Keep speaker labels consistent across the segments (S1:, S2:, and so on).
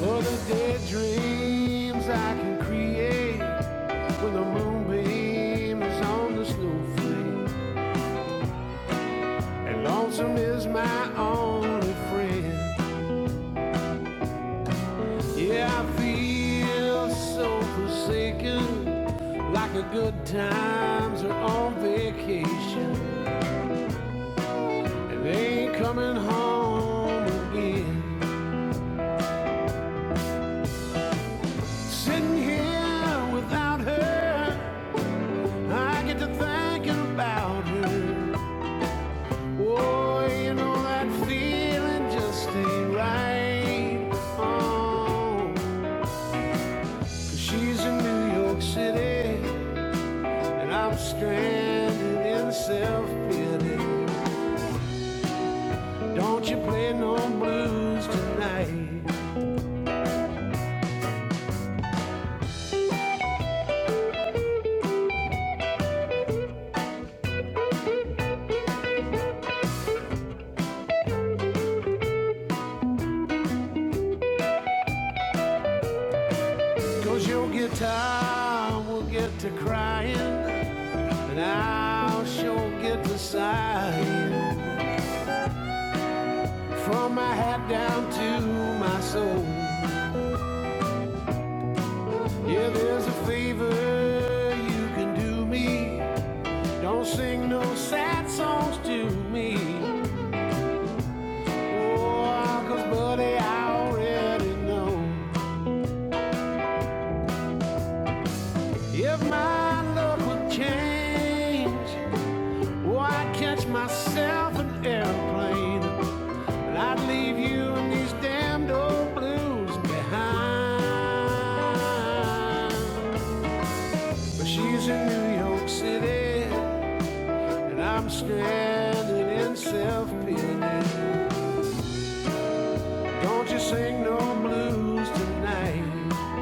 S1: What are the dead dreams I can create when the moonbeam is on the snowflake. And lonesome is my only friend. Yeah, I feel so forsaken, like the good times are on vacation. And they ain't coming home again. Sitting here without her, I get to thinking about her. Oh, you know that feeling just ain't right. Oh, 'cause she's in New York City, and I'm stranded in self pity. Don't you play no blues tonight? 'Cause your guitar will get to crying, and I'll sure get to sighing. From my hat down to my soul. Yeah, there's a favor you can do me. Don't sing no sad songs to me. Oh, cause buddy, I already know. If my luck would change, oh, I'd catch myself an airplane. And I'd leave you in these damned old blues behind. But she's in New York City. And I'm stranded in self pity. Don't you sing no blues tonight.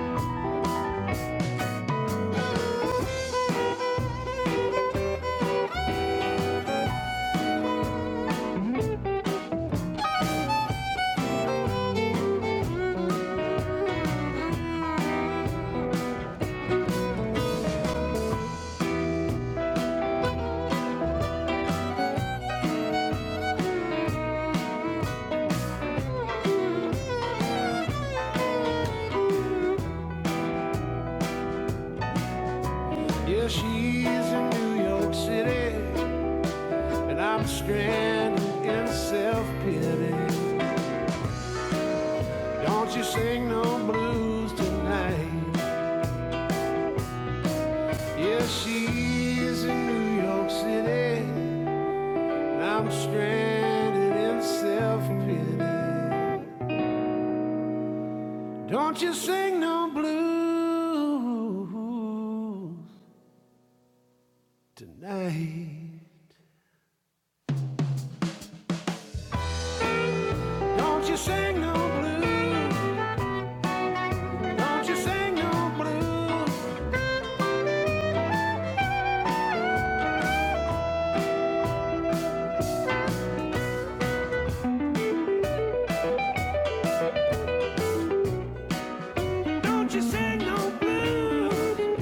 S1: Yeah, she's in New York City. And I'm stranded in self pity. Don't you sing no blues tonight. Yeah, she's in New York City. And I'm stranded in self pity. Don't you sing no blues. tonight. Don't you sing no blues. Don't you sing no blues. Don't you sing no blues.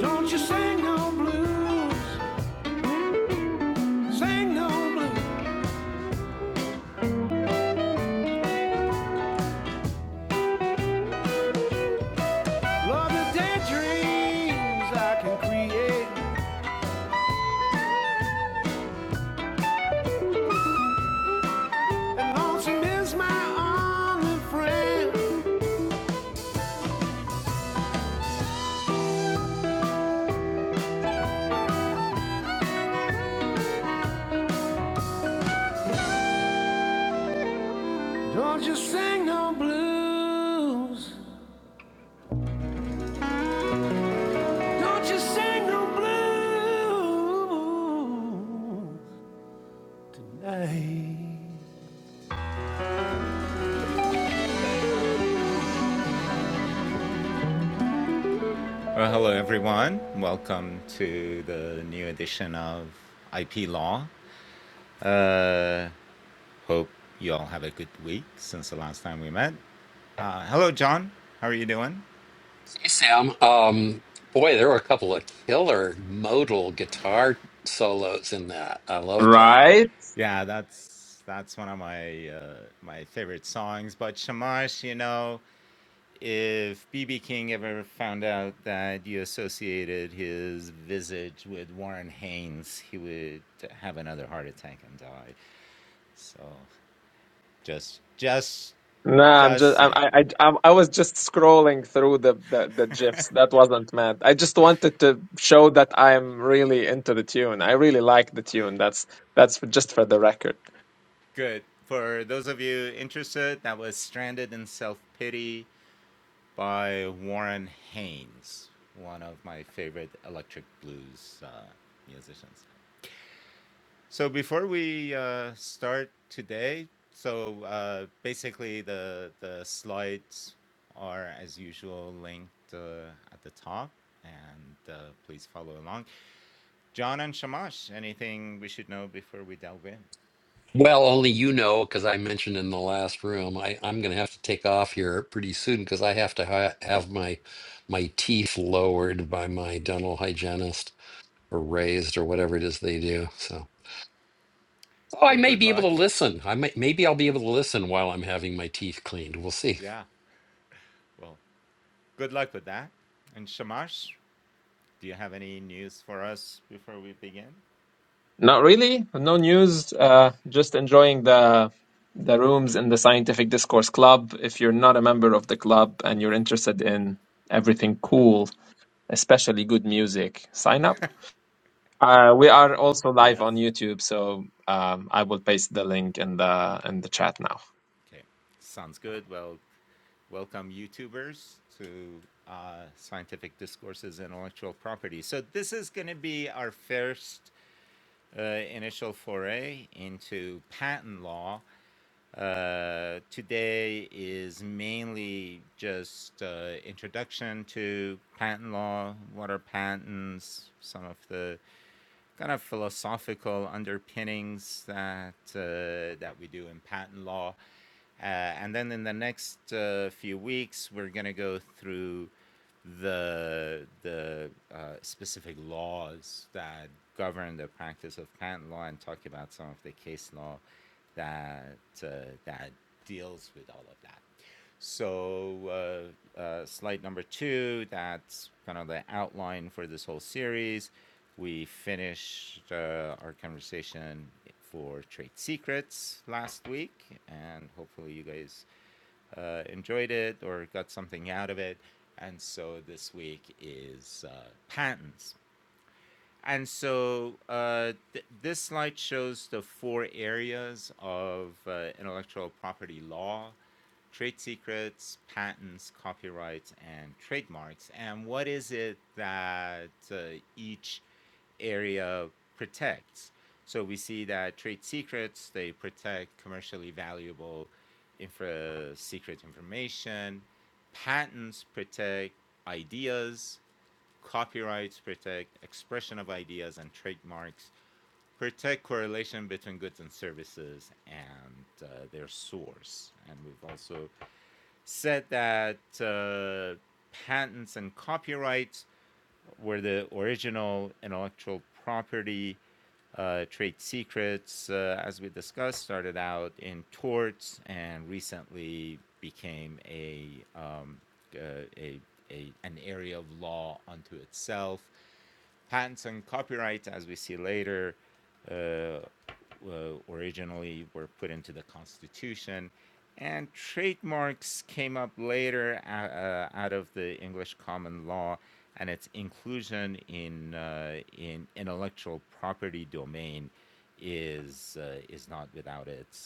S1: Don't you sing no blues. Sing no blues. Love the daydreams I can create. And lonesome is my only friend. Don't you sing no blues. Don't you sing no blue tonight.
S2: Hey, Sam. Um, boy, there were a couple of killer modal guitar solos in that. I loved that.
S3: Right? Nah, I'm just I I I I'm- I was just scrolling through the, the the gifs. That wasn't meant. I just wanted to show that I'm really into the tune. I really like the tune. That's that's for, just for the record.
S2: Well, only you know, because I mentioned in the last room, I, I'm going to have to take off here pretty soon because I have to ha have my my teeth lowered by my dental hygienist or raised or whatever it is they do. So, oh, I may be able to listen. I may, maybe I'll be able to listen while I'm having my teeth cleaned. We'll see.
S3: Not really. No news. Uh, just enjoying the the rooms in the Scientific Discourse Club. If you're not a member of the club and you're interested in everything cool, especially good music, sign up. Uh, we are also live on YouTube, so um, I will paste the link in the in the chat now.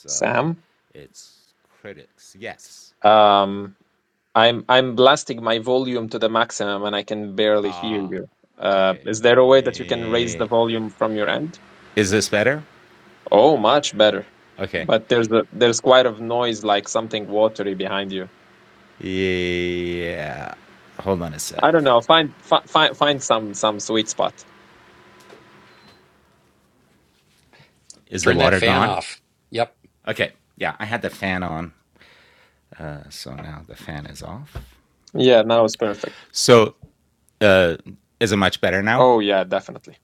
S3: Sam, um, I'm I'm blasting my volume to the maximum, and I can barely hear you. Uh, is there a way that you can raise the volume from your end? Oh, much better. But there's a, there's quite a noise, like something watery behind you. I don't know. Find fi find find some some sweet spot.
S2: Turn that fan off. Yep.
S3: Yeah, now it's perfect. Oh yeah, definitely.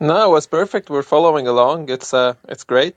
S3: No, it was perfect. We're following along. It's uh, it's great.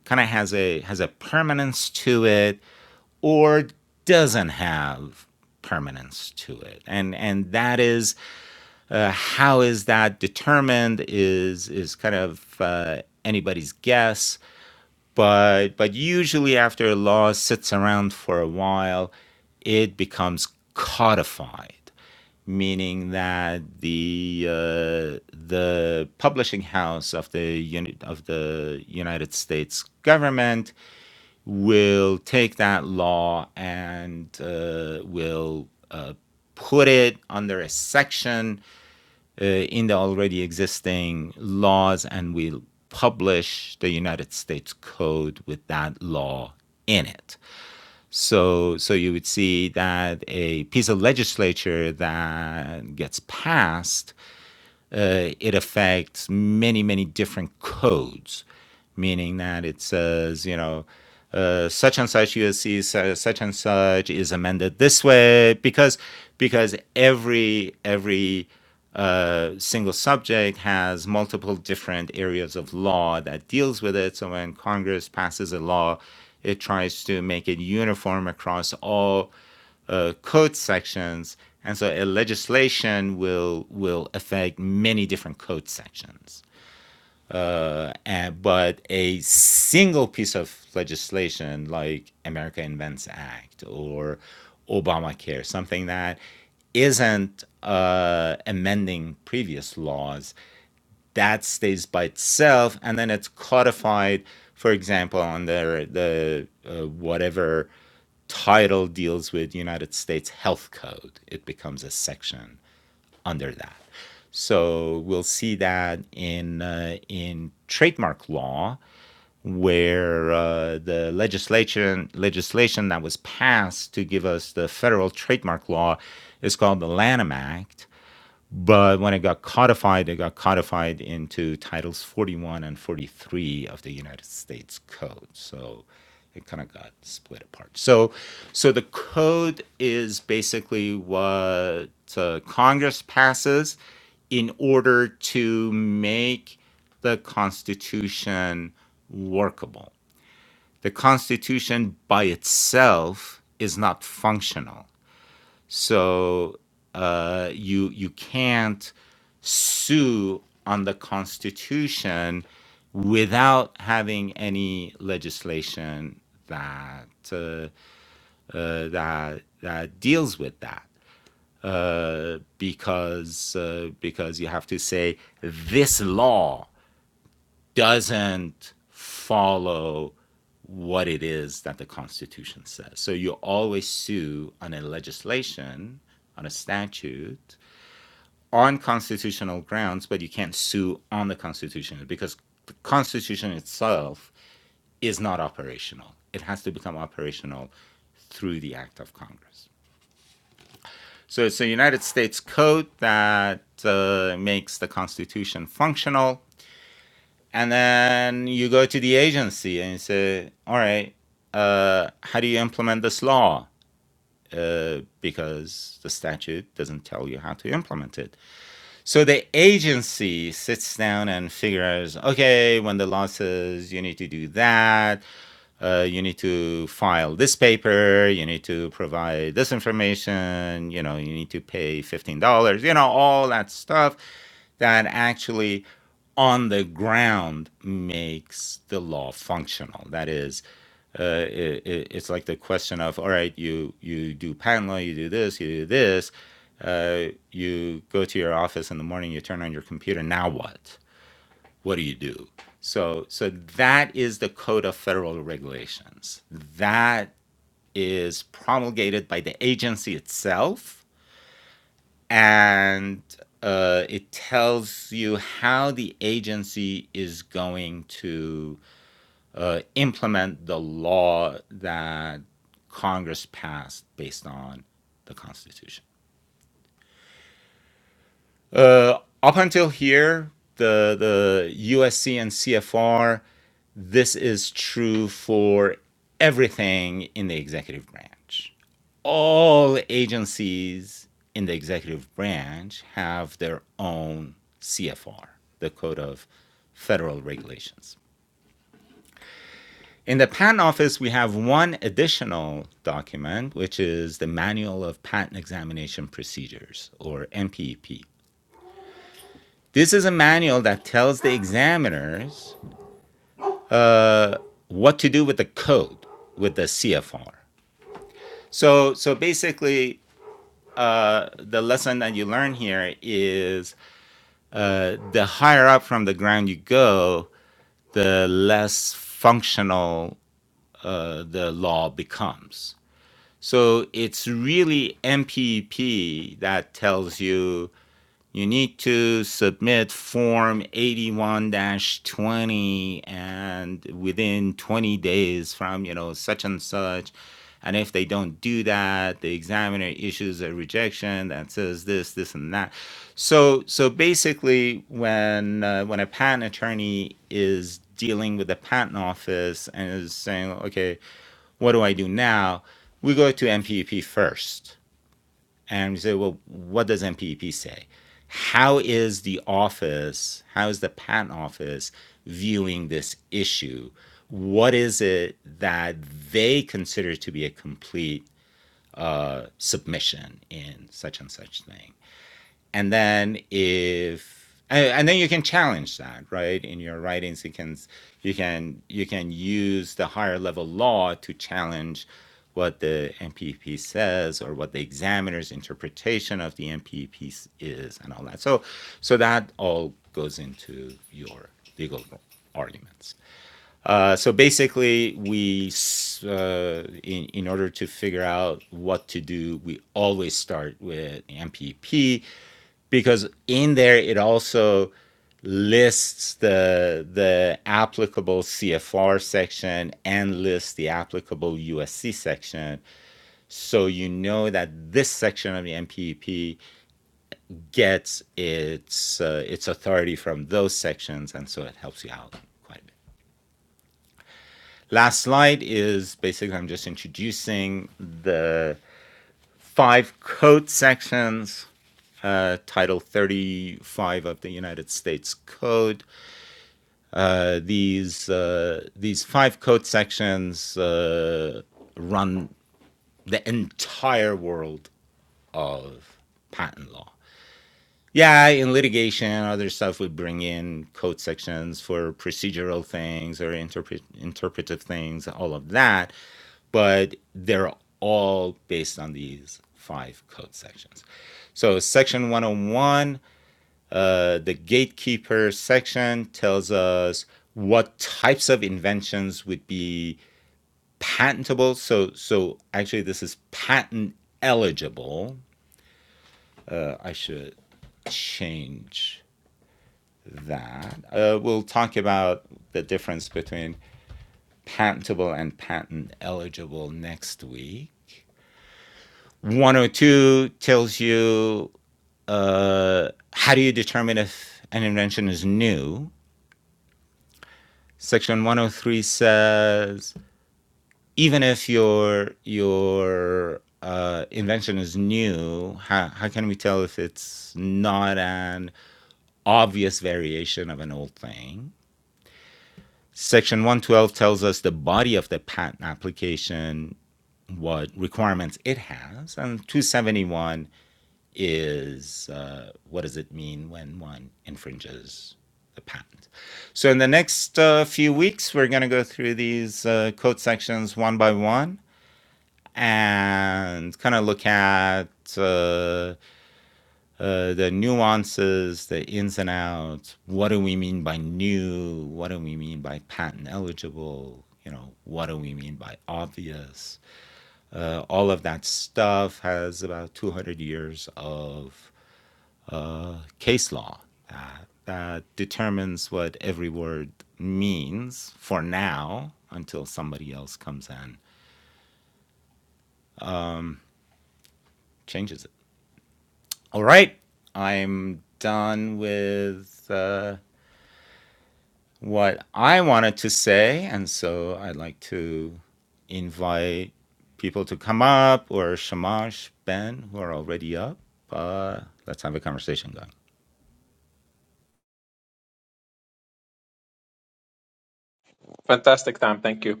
S3: Fantastic time. Thank you.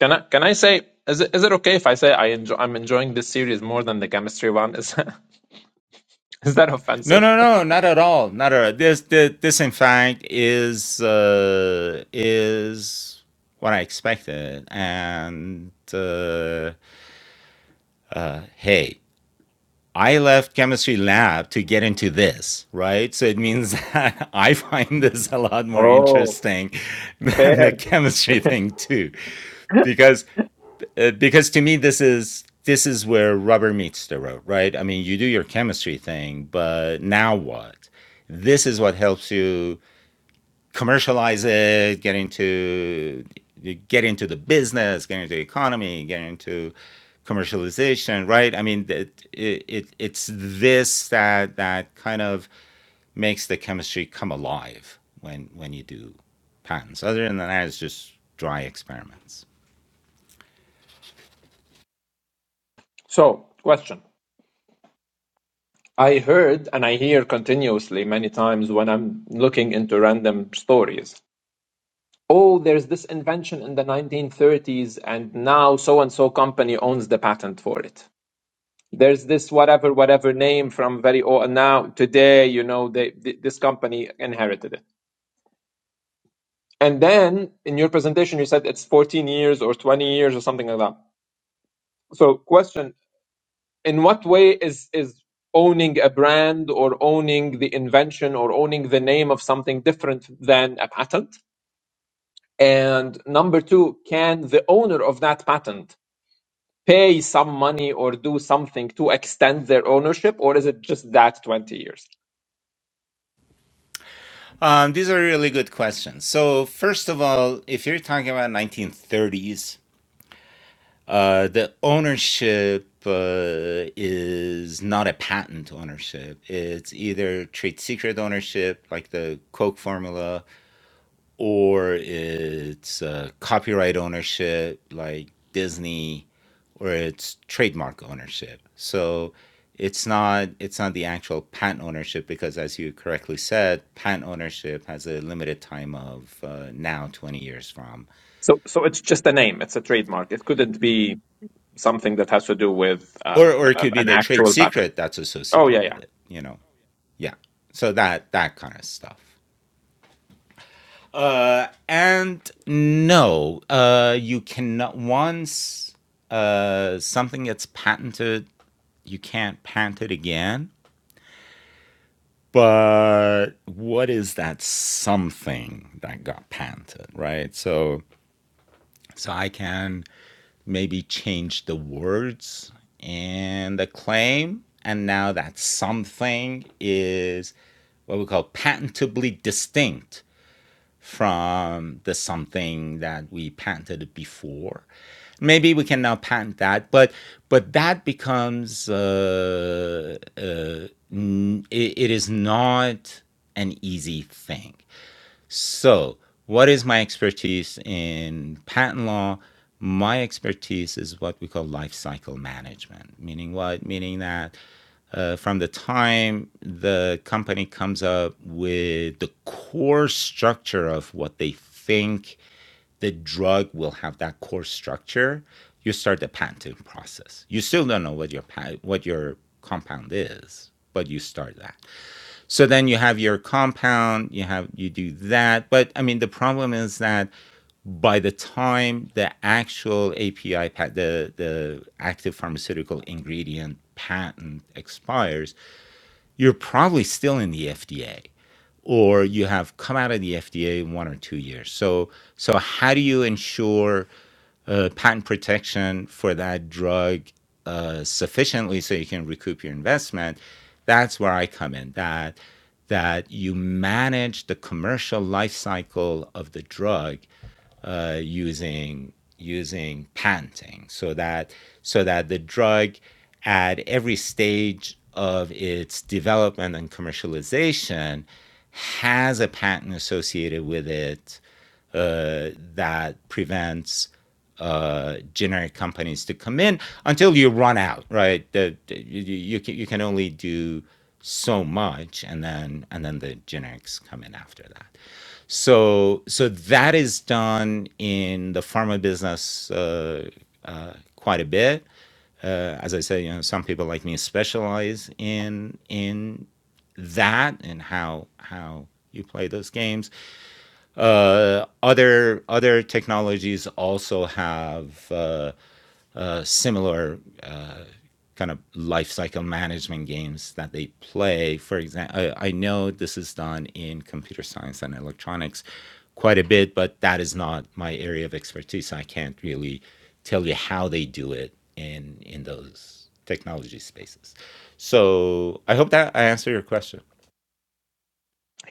S3: Can I can I say is it is it okay if I say I enjoy I'm enjoying this series more than the chemistry one? Is is that offensive? Oh, fair. So, question. I heard and I hear continuously many times when I'm looking into random stories. Oh, there's this invention in the 1930s, and now so and so company owns the patent for it. There's this whatever, whatever name from very old, and now today, you know, they, th- this company inherited it. And then in your presentation, you said it's 14 years or 20 years or something like that. So question, in what way is, is owning a brand or owning the invention or owning the name of something different than a patent? And number two, can the owner of that patent pay some money or do something to extend their ownership or is it just that 20 years? So, so it's just a name. It's a trademark. It couldn't be something that has to do with um, a- an actual patent. Oh yeah, yeah.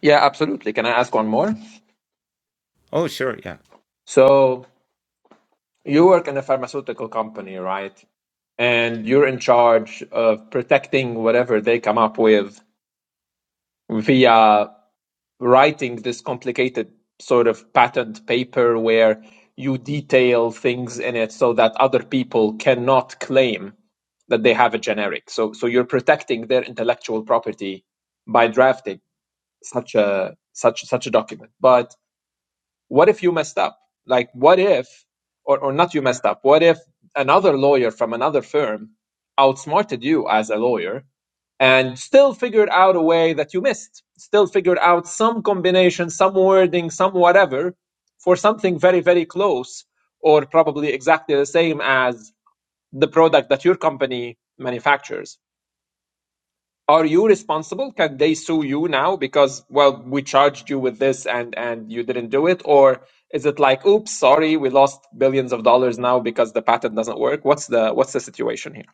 S3: Yeah, absolutely. Can I ask one more? So you work in a pharmaceutical company, right? And you're in charge of protecting whatever they come up with via writing this complicated sort of patent paper where you detail things in it so that other people cannot claim that they have a generic. So so you're protecting their intellectual property by drafting such a such such a document. But what if you messed up? Like, what if, or, or not you messed up, what if another lawyer from another firm outsmarted you as a lawyer and still figured out a way that you missed, still figured out some combination, some wording, some whatever for something very, very close or probably exactly the same as the product that your company manufactures? are you responsible? Can they sue you now because well we charged you with this and and you didn't do it, or is it like oops sorry we lost billions of dollars now because the patent doesn't work? What's the what's the situation here?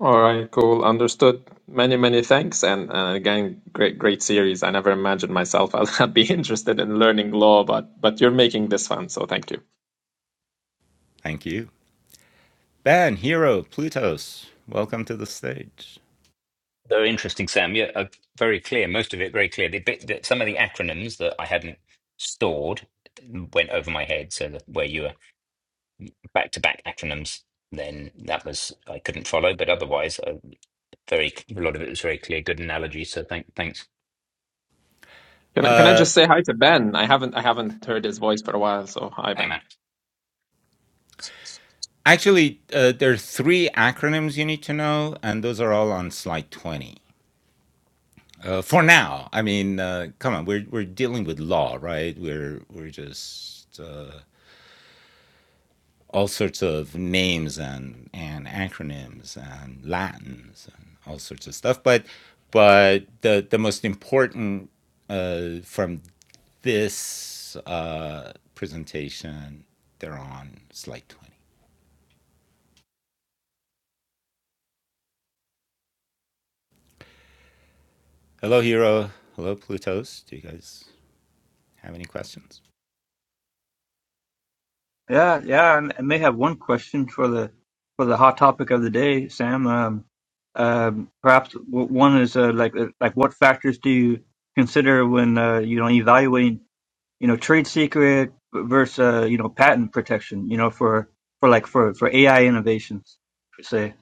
S3: All right, cool, understood. Many many thanks, and uh, again great great series. I never imagined myself I'd be interested in learning law, but but you're making this fun, so thank you.
S4: Very interesting, Sam. Yeah, uh, very clear. Most of it very clear. The bit that some of the acronyms that I hadn't stored went over my head. So that where you were back to back acronyms, then that was I couldn't follow. But otherwise, uh, very a lot of it was very clear. Good analogy. So thank thanks.
S3: Can I can I just say hi to Ben? I haven't I haven't heard his voice for a while, so hi
S4: Amen.
S3: Ben.
S5: Yeah, yeah, and I may have one question for the for the hot topic of the day, Sam. Um, um, perhaps w- one is uh, like uh, like what factors do you consider when uh, you know evaluating you know trade secret versus uh, you know patent protection, you know for for like for for AI innovations, per se.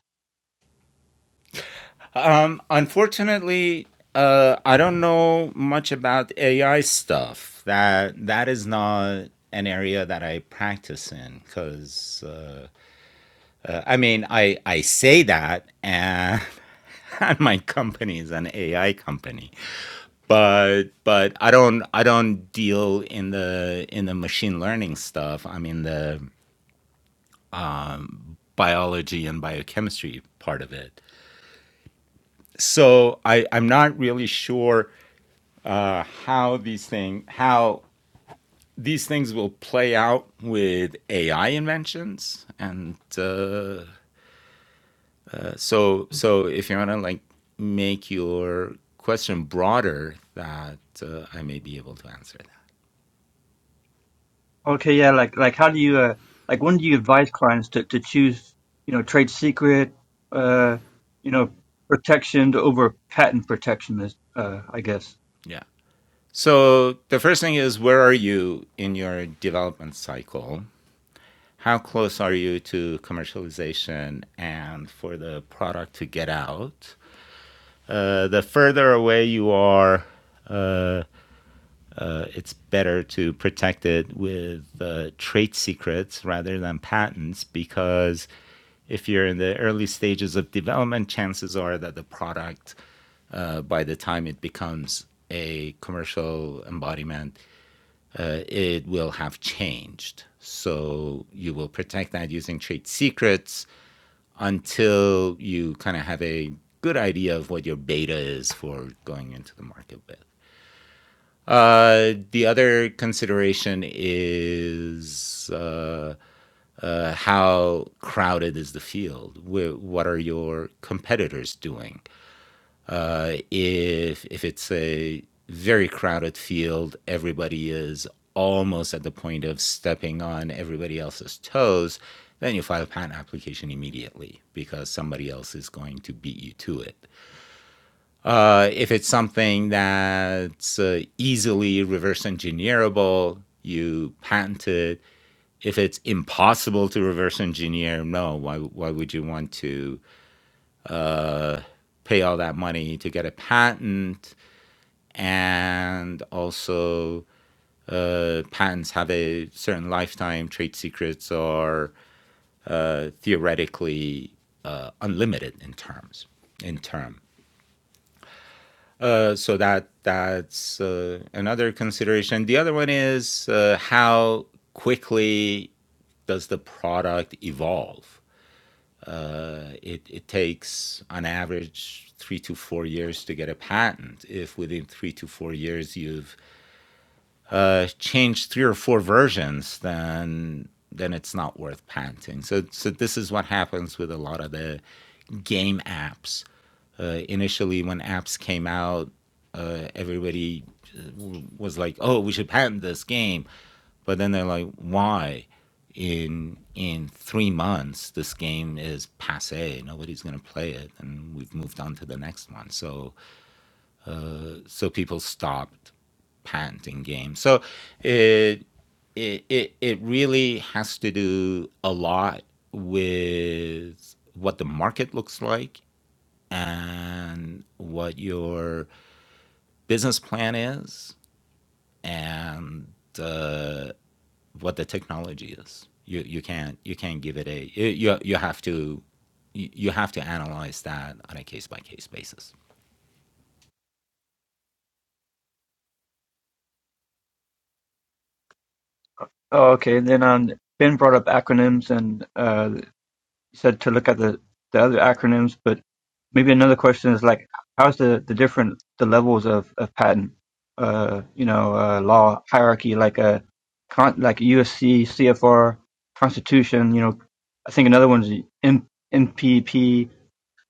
S5: Okay, yeah, like like how do you uh, like when do you advise clients to to choose you know trade secret uh, you know protection over patent protection is uh, I guess. Oh, okay. And then on Ben brought up acronyms and uh, said to look at the, the other acronyms, but maybe another question is like, how's the, the different the levels of, of patent, uh, you know, uh, law hierarchy, like a con, like USC, CFR, Constitution, you know, I think another one's the M- MPP.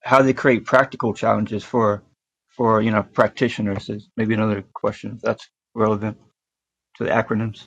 S5: How they create practical challenges for for you know practitioners is maybe another question if that's relevant to the acronyms.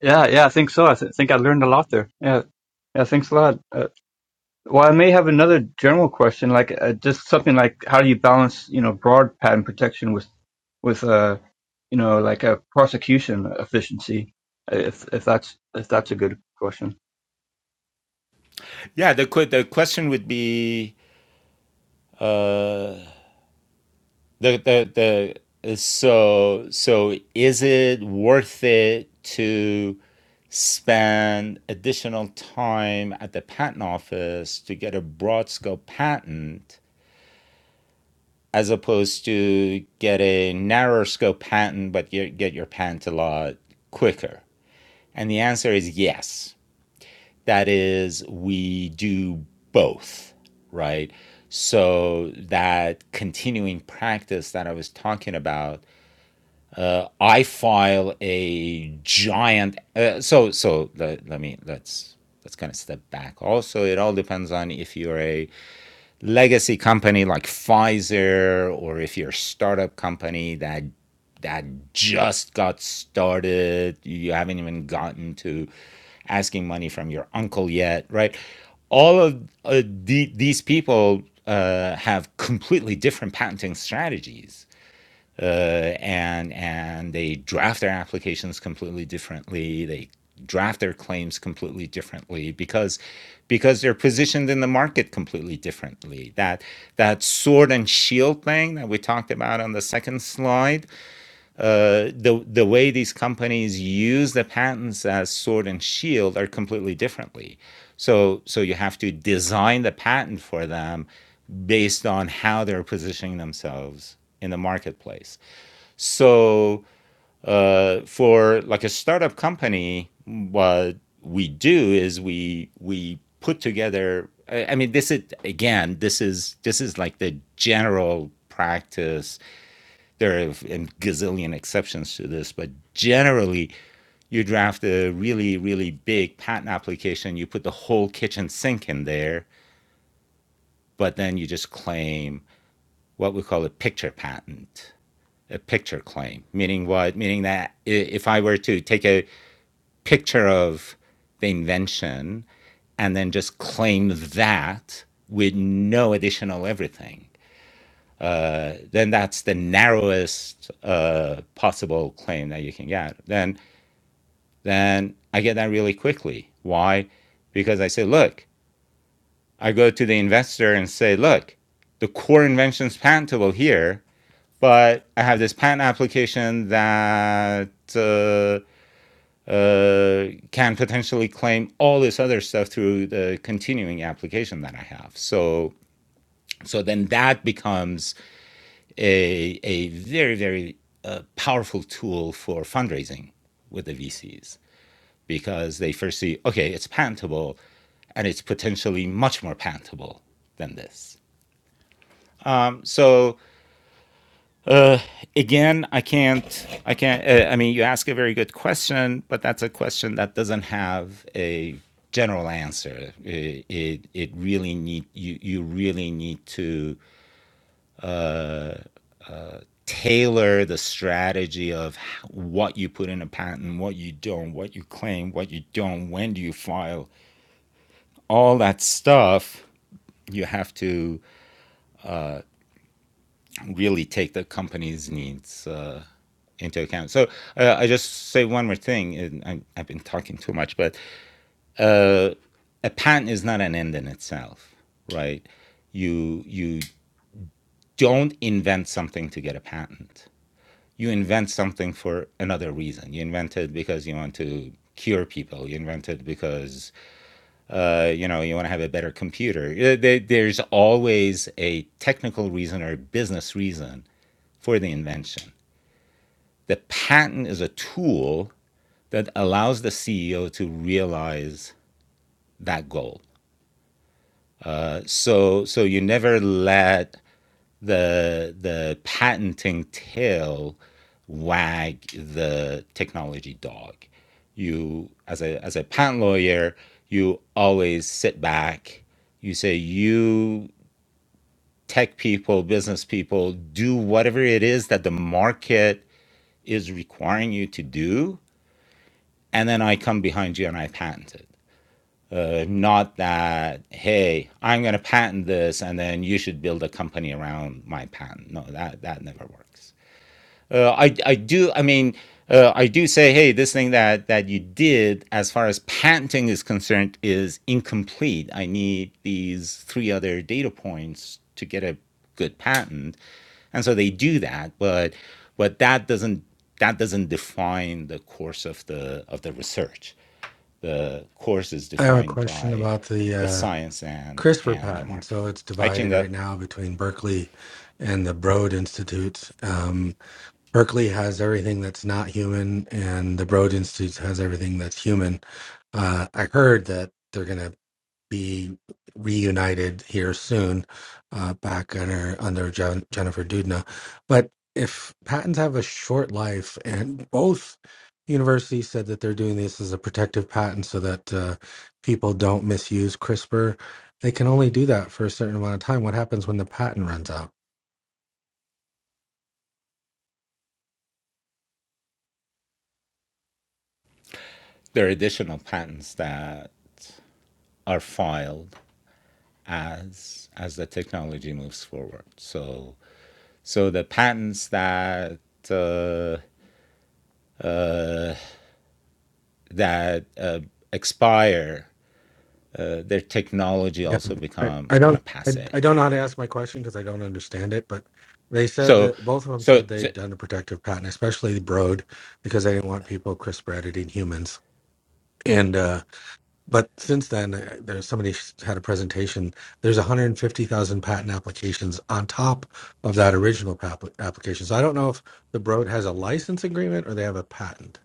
S5: Yeah, yeah, I think so. I th think I learned a lot there. Yeah, yeah, thanks a lot. Uh, well, I may have another general question, like uh, just something like how do you balance, you know, broad patent protection with, with, uh, you know, like a prosecution efficiency, uh, if if that's if that's a good question.
S6: I have a question about the uh, CRISPR patent. So it's divided right now between Berkeley and the Broad Institute. Um, Berkeley has everything that's not human, and the Broad Institute has everything that's human. Uh, I heard that they're going to be reunited here soon, uh, back under under Jen, Jennifer Doudna. But if patents have a short life, and both universities said that they're doing this as a protective patent so that uh, people don't misuse CRISPR, they can only do that for a certain amount of time. What happens when the patent runs out? Yeah, I, I don't I, I don't know how to ask my question because I don't understand it. But they said that both of them said they'd done a protective patent, especially the Broad, because they didn't want people CRISPR editing humans. And uh, but since then, uh, there's somebody had a presentation. There's 150,000 patent applications on top of that original pap- application. So I don't know if the Broad has a license agreement or they have a patent.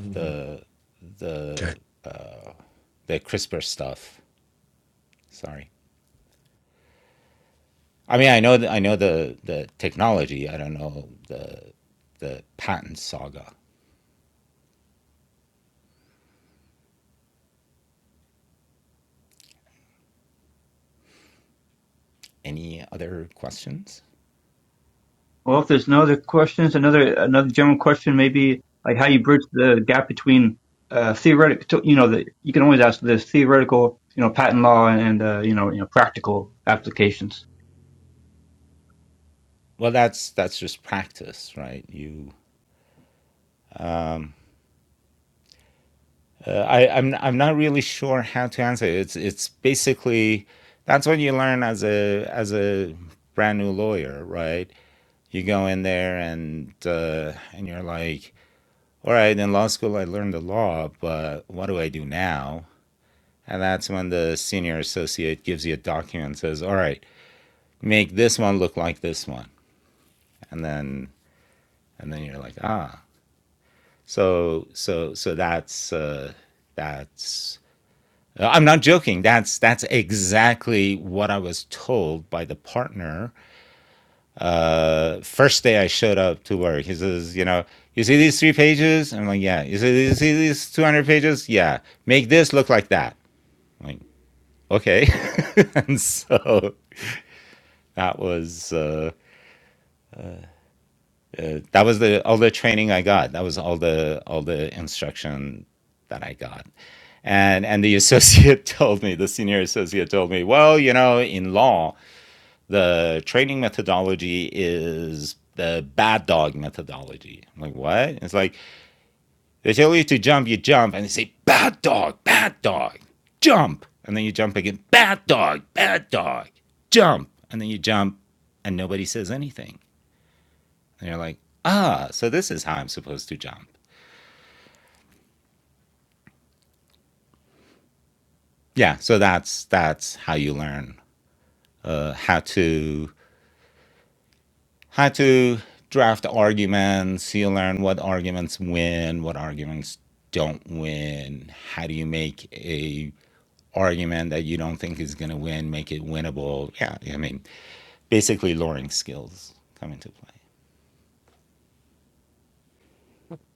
S6: Mhm. Okay.
S5: Well, if there's no other questions, another another general question, maybe like how you bridge the gap between uh, theoretical, you know, the you can always ask this theoretical, you know, patent law and uh, you know, you know, practical applications.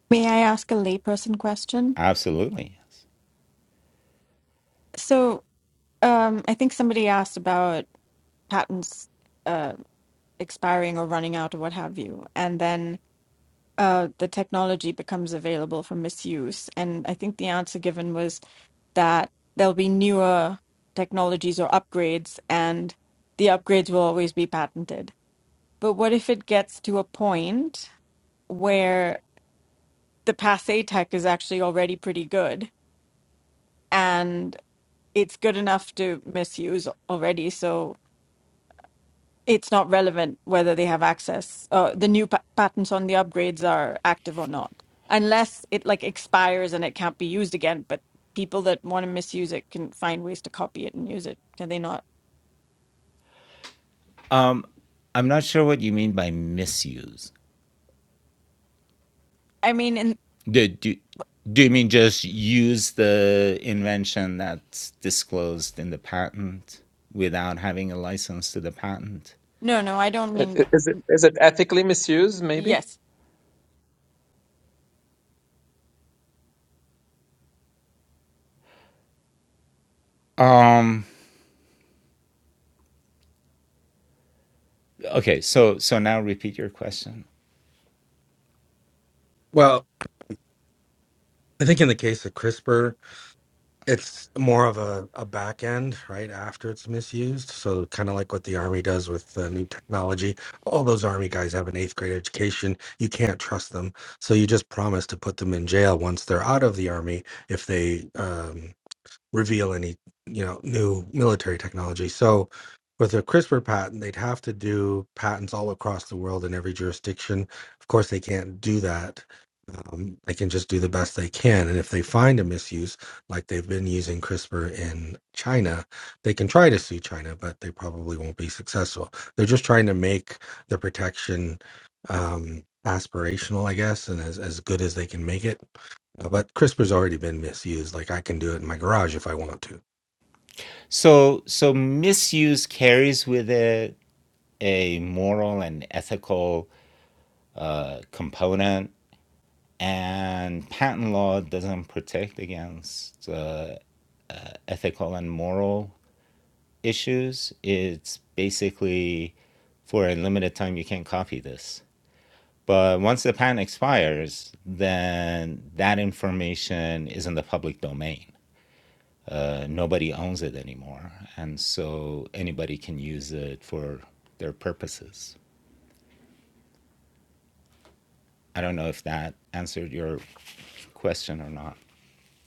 S7: May I ask a layperson question? So, um, I think somebody asked about patents uh, expiring or running out or what have you, and then uh, the technology becomes available for misuse. And I think the answer given was that there'll be newer technologies or upgrades, and the upgrades will always be patented. But what if it gets to a point where the passe tech is actually already pretty good? it's good enough to misuse already. So it's not relevant whether they have access. Uh, the new pa- patents on the upgrades are active or not, unless it like expires and it can't be used again. But people that want to misuse it can find ways to copy it and use it. Can they not? I mean, and no, no, I don't
S3: I-
S7: mean
S3: i- Is it is it ethically misused, maybe?
S7: yes.
S6: Well, I think in the case of CRISPR, it's more of a, a back end right after it's misused so kind of like what the army does with uh, new technology all those army guys have an eighth grade education you can't trust them so you just promise to put them in jail once they're out of the army if they um, reveal any you know new military technology so with a crispr patent they'd have to do patents all across the world in every jurisdiction of course they can't do that um, they can just do the best they can and if they find a misuse like they've been using crispr in china they can try to sue china but they probably won't be successful they're just trying to make the protection um, aspirational i guess and as, as good as they can make it uh, But CRISPR's already been misused. Like I can do it in my garage if I want to.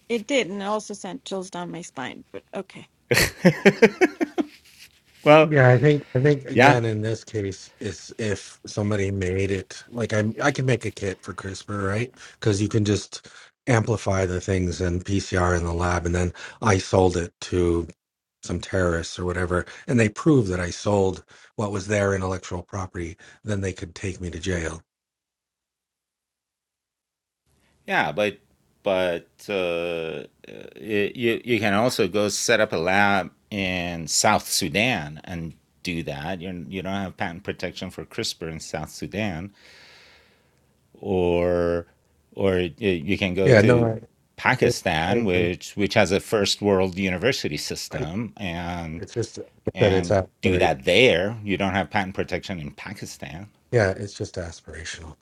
S7: It did, and it also sent chills down my spine. But okay,
S6: Yeah, I think I think again in this case it's if somebody made it like I I can make a kit for CRISPR, right? Because you can just amplify the things in PCR in the lab, and then I sold it to some terrorists or whatever, and they prove that I sold what was their intellectual property. Then they could take me to jail. Yeah, no, I I, I agree. I, it's just that it's aspiration. Yeah, it's just aspirational.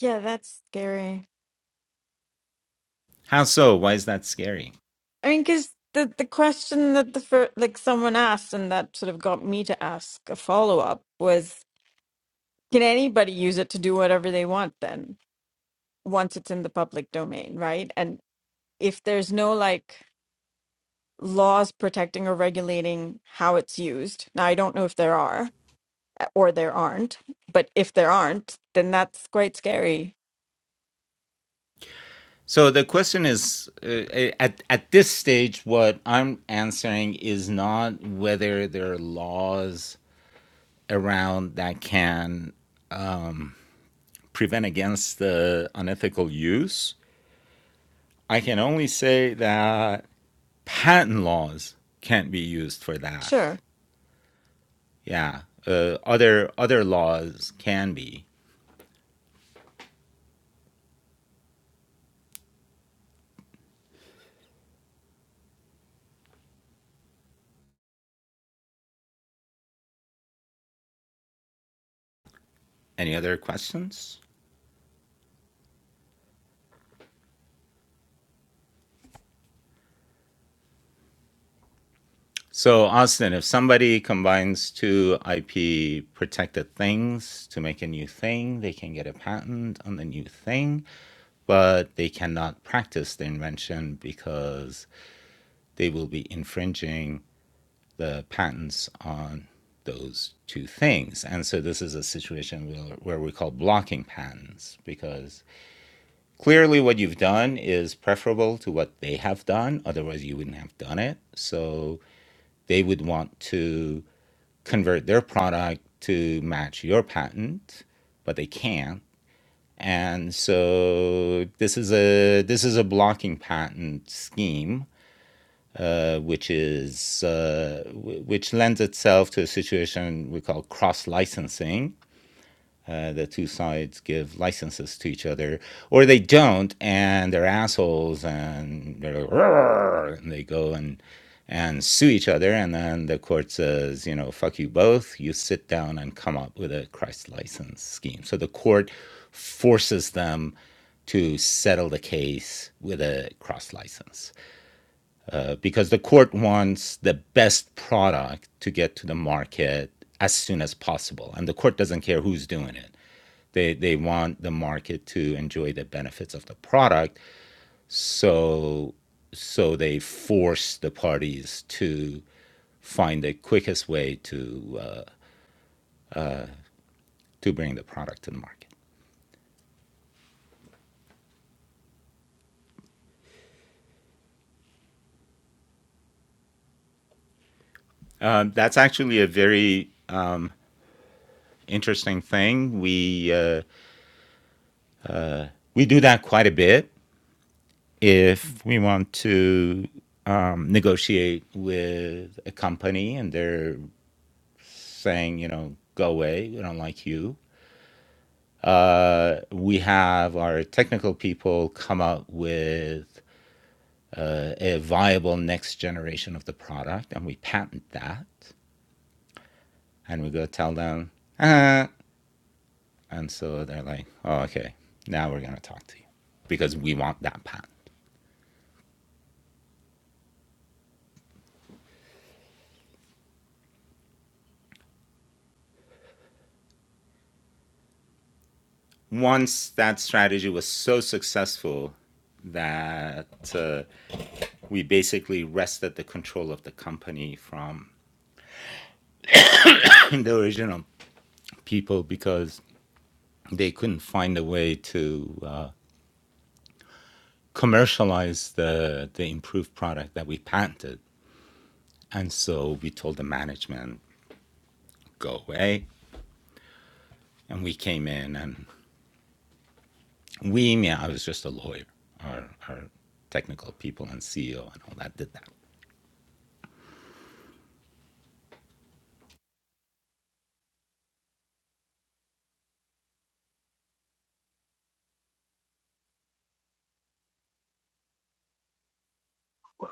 S7: yeah, that's scary. I mean, because the the question that the fir- like someone asked and that sort of got me to ask a follow up was Can anybody use it to do whatever they want then, once it's in the public domain, right? And if there's no like laws protecting or regulating how it's used, now I don't know if there are or there aren't, but if there aren't, then that's quite scary. Sure.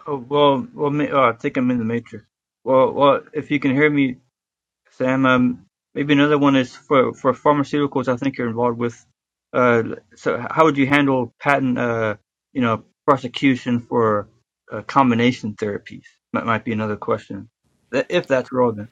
S5: Oh, well, well, ma- oh, I think I'm in the matrix. Well, well, if you can hear me, Sam, um, maybe another one is for, for pharmaceuticals. I think you're involved with. Uh, so, how would you handle patent, uh, you know, prosecution for uh, combination therapies? That might be another question, That- if that's relevant.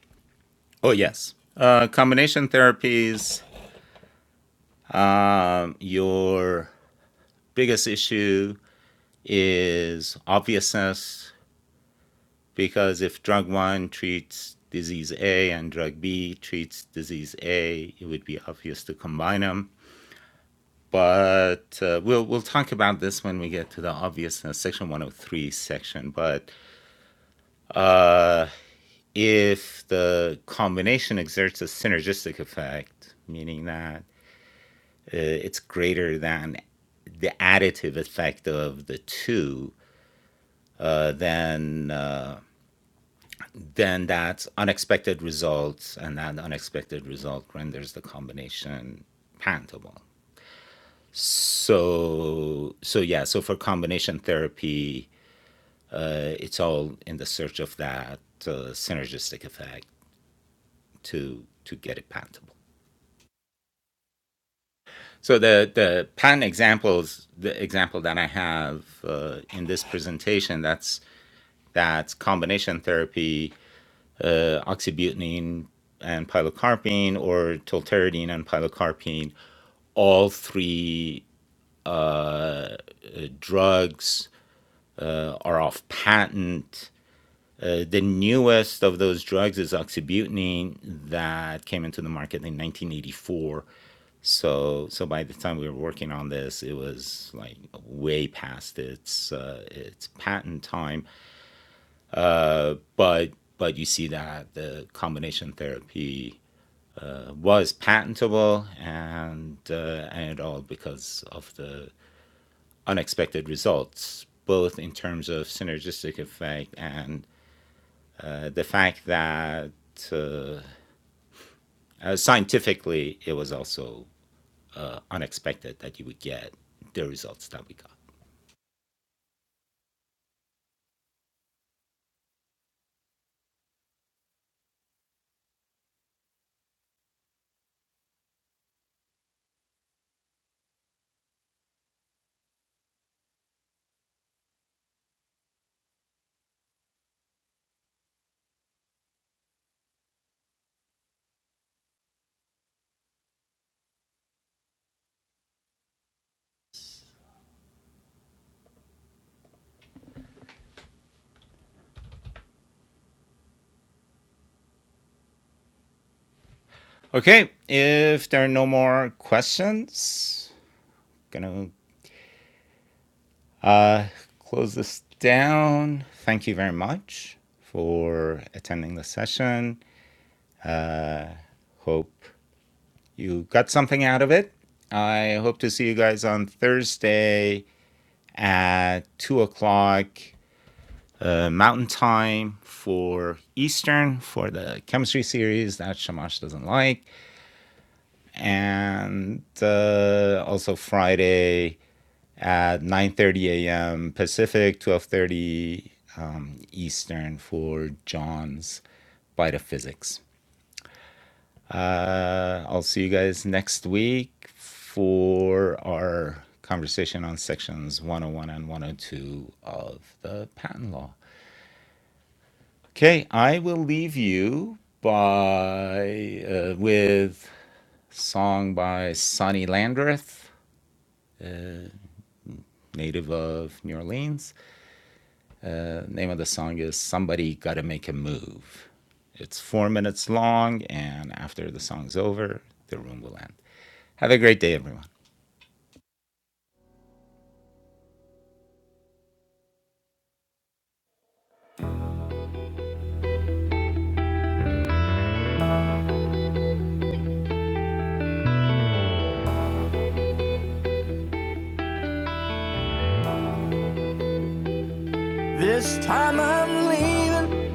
S1: This time I'm leaving,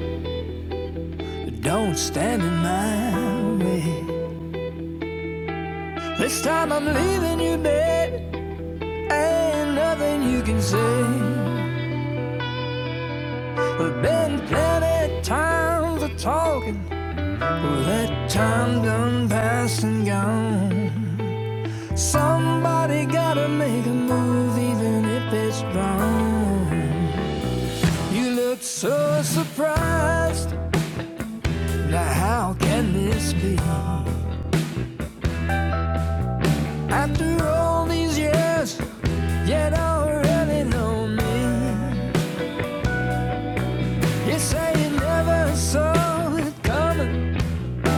S1: but don't stand in my way. This time I'm leaving you, babe, ain't nothing you can say. We've been plenty times of talking, well, that time done past and gone. Somebody gotta make a move, even if it's wrong. You looked so surprised. Now, how can this be? After all these years, you don't really know me. You say you never saw it coming.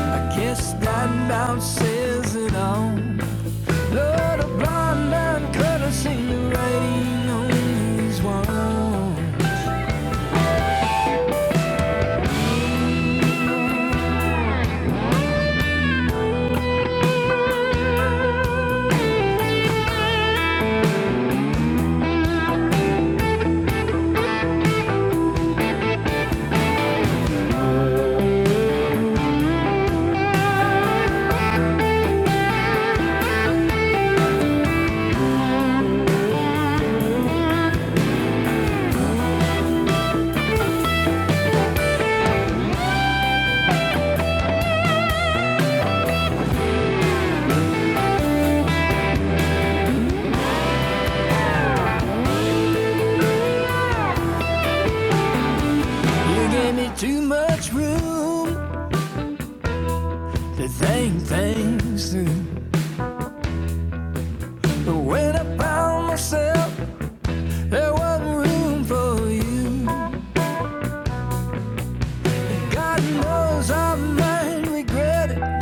S1: I guess that about says it all. Lord, a blind man could have seen the writing on his wall. You gave me too much room to think things through. But when I found myself There wasn't room for you. God knows I might regret it,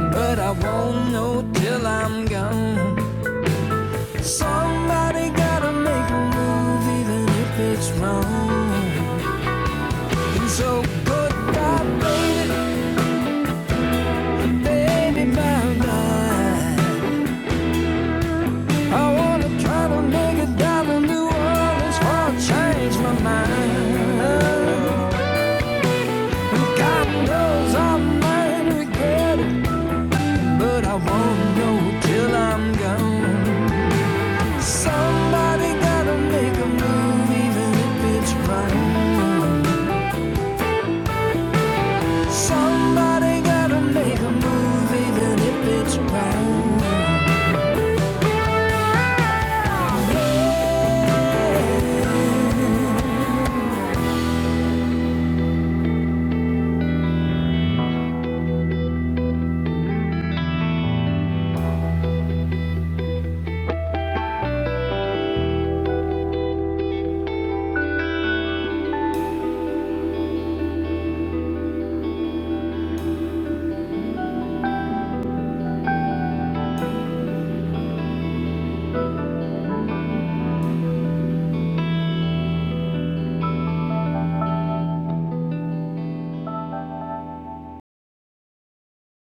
S1: but I won't know till I'm gone. Somebody gotta make a move, even if it's wrong. And so goodbye, baby, baby, bye bye. I wanna try to make it down to New Orleans, or I change my mind. God knows I might regret it. But I won't know till I'm gone. Somebody gotta make a move, even if it's wrong. Somebody gotta make a move, even if it's wrong.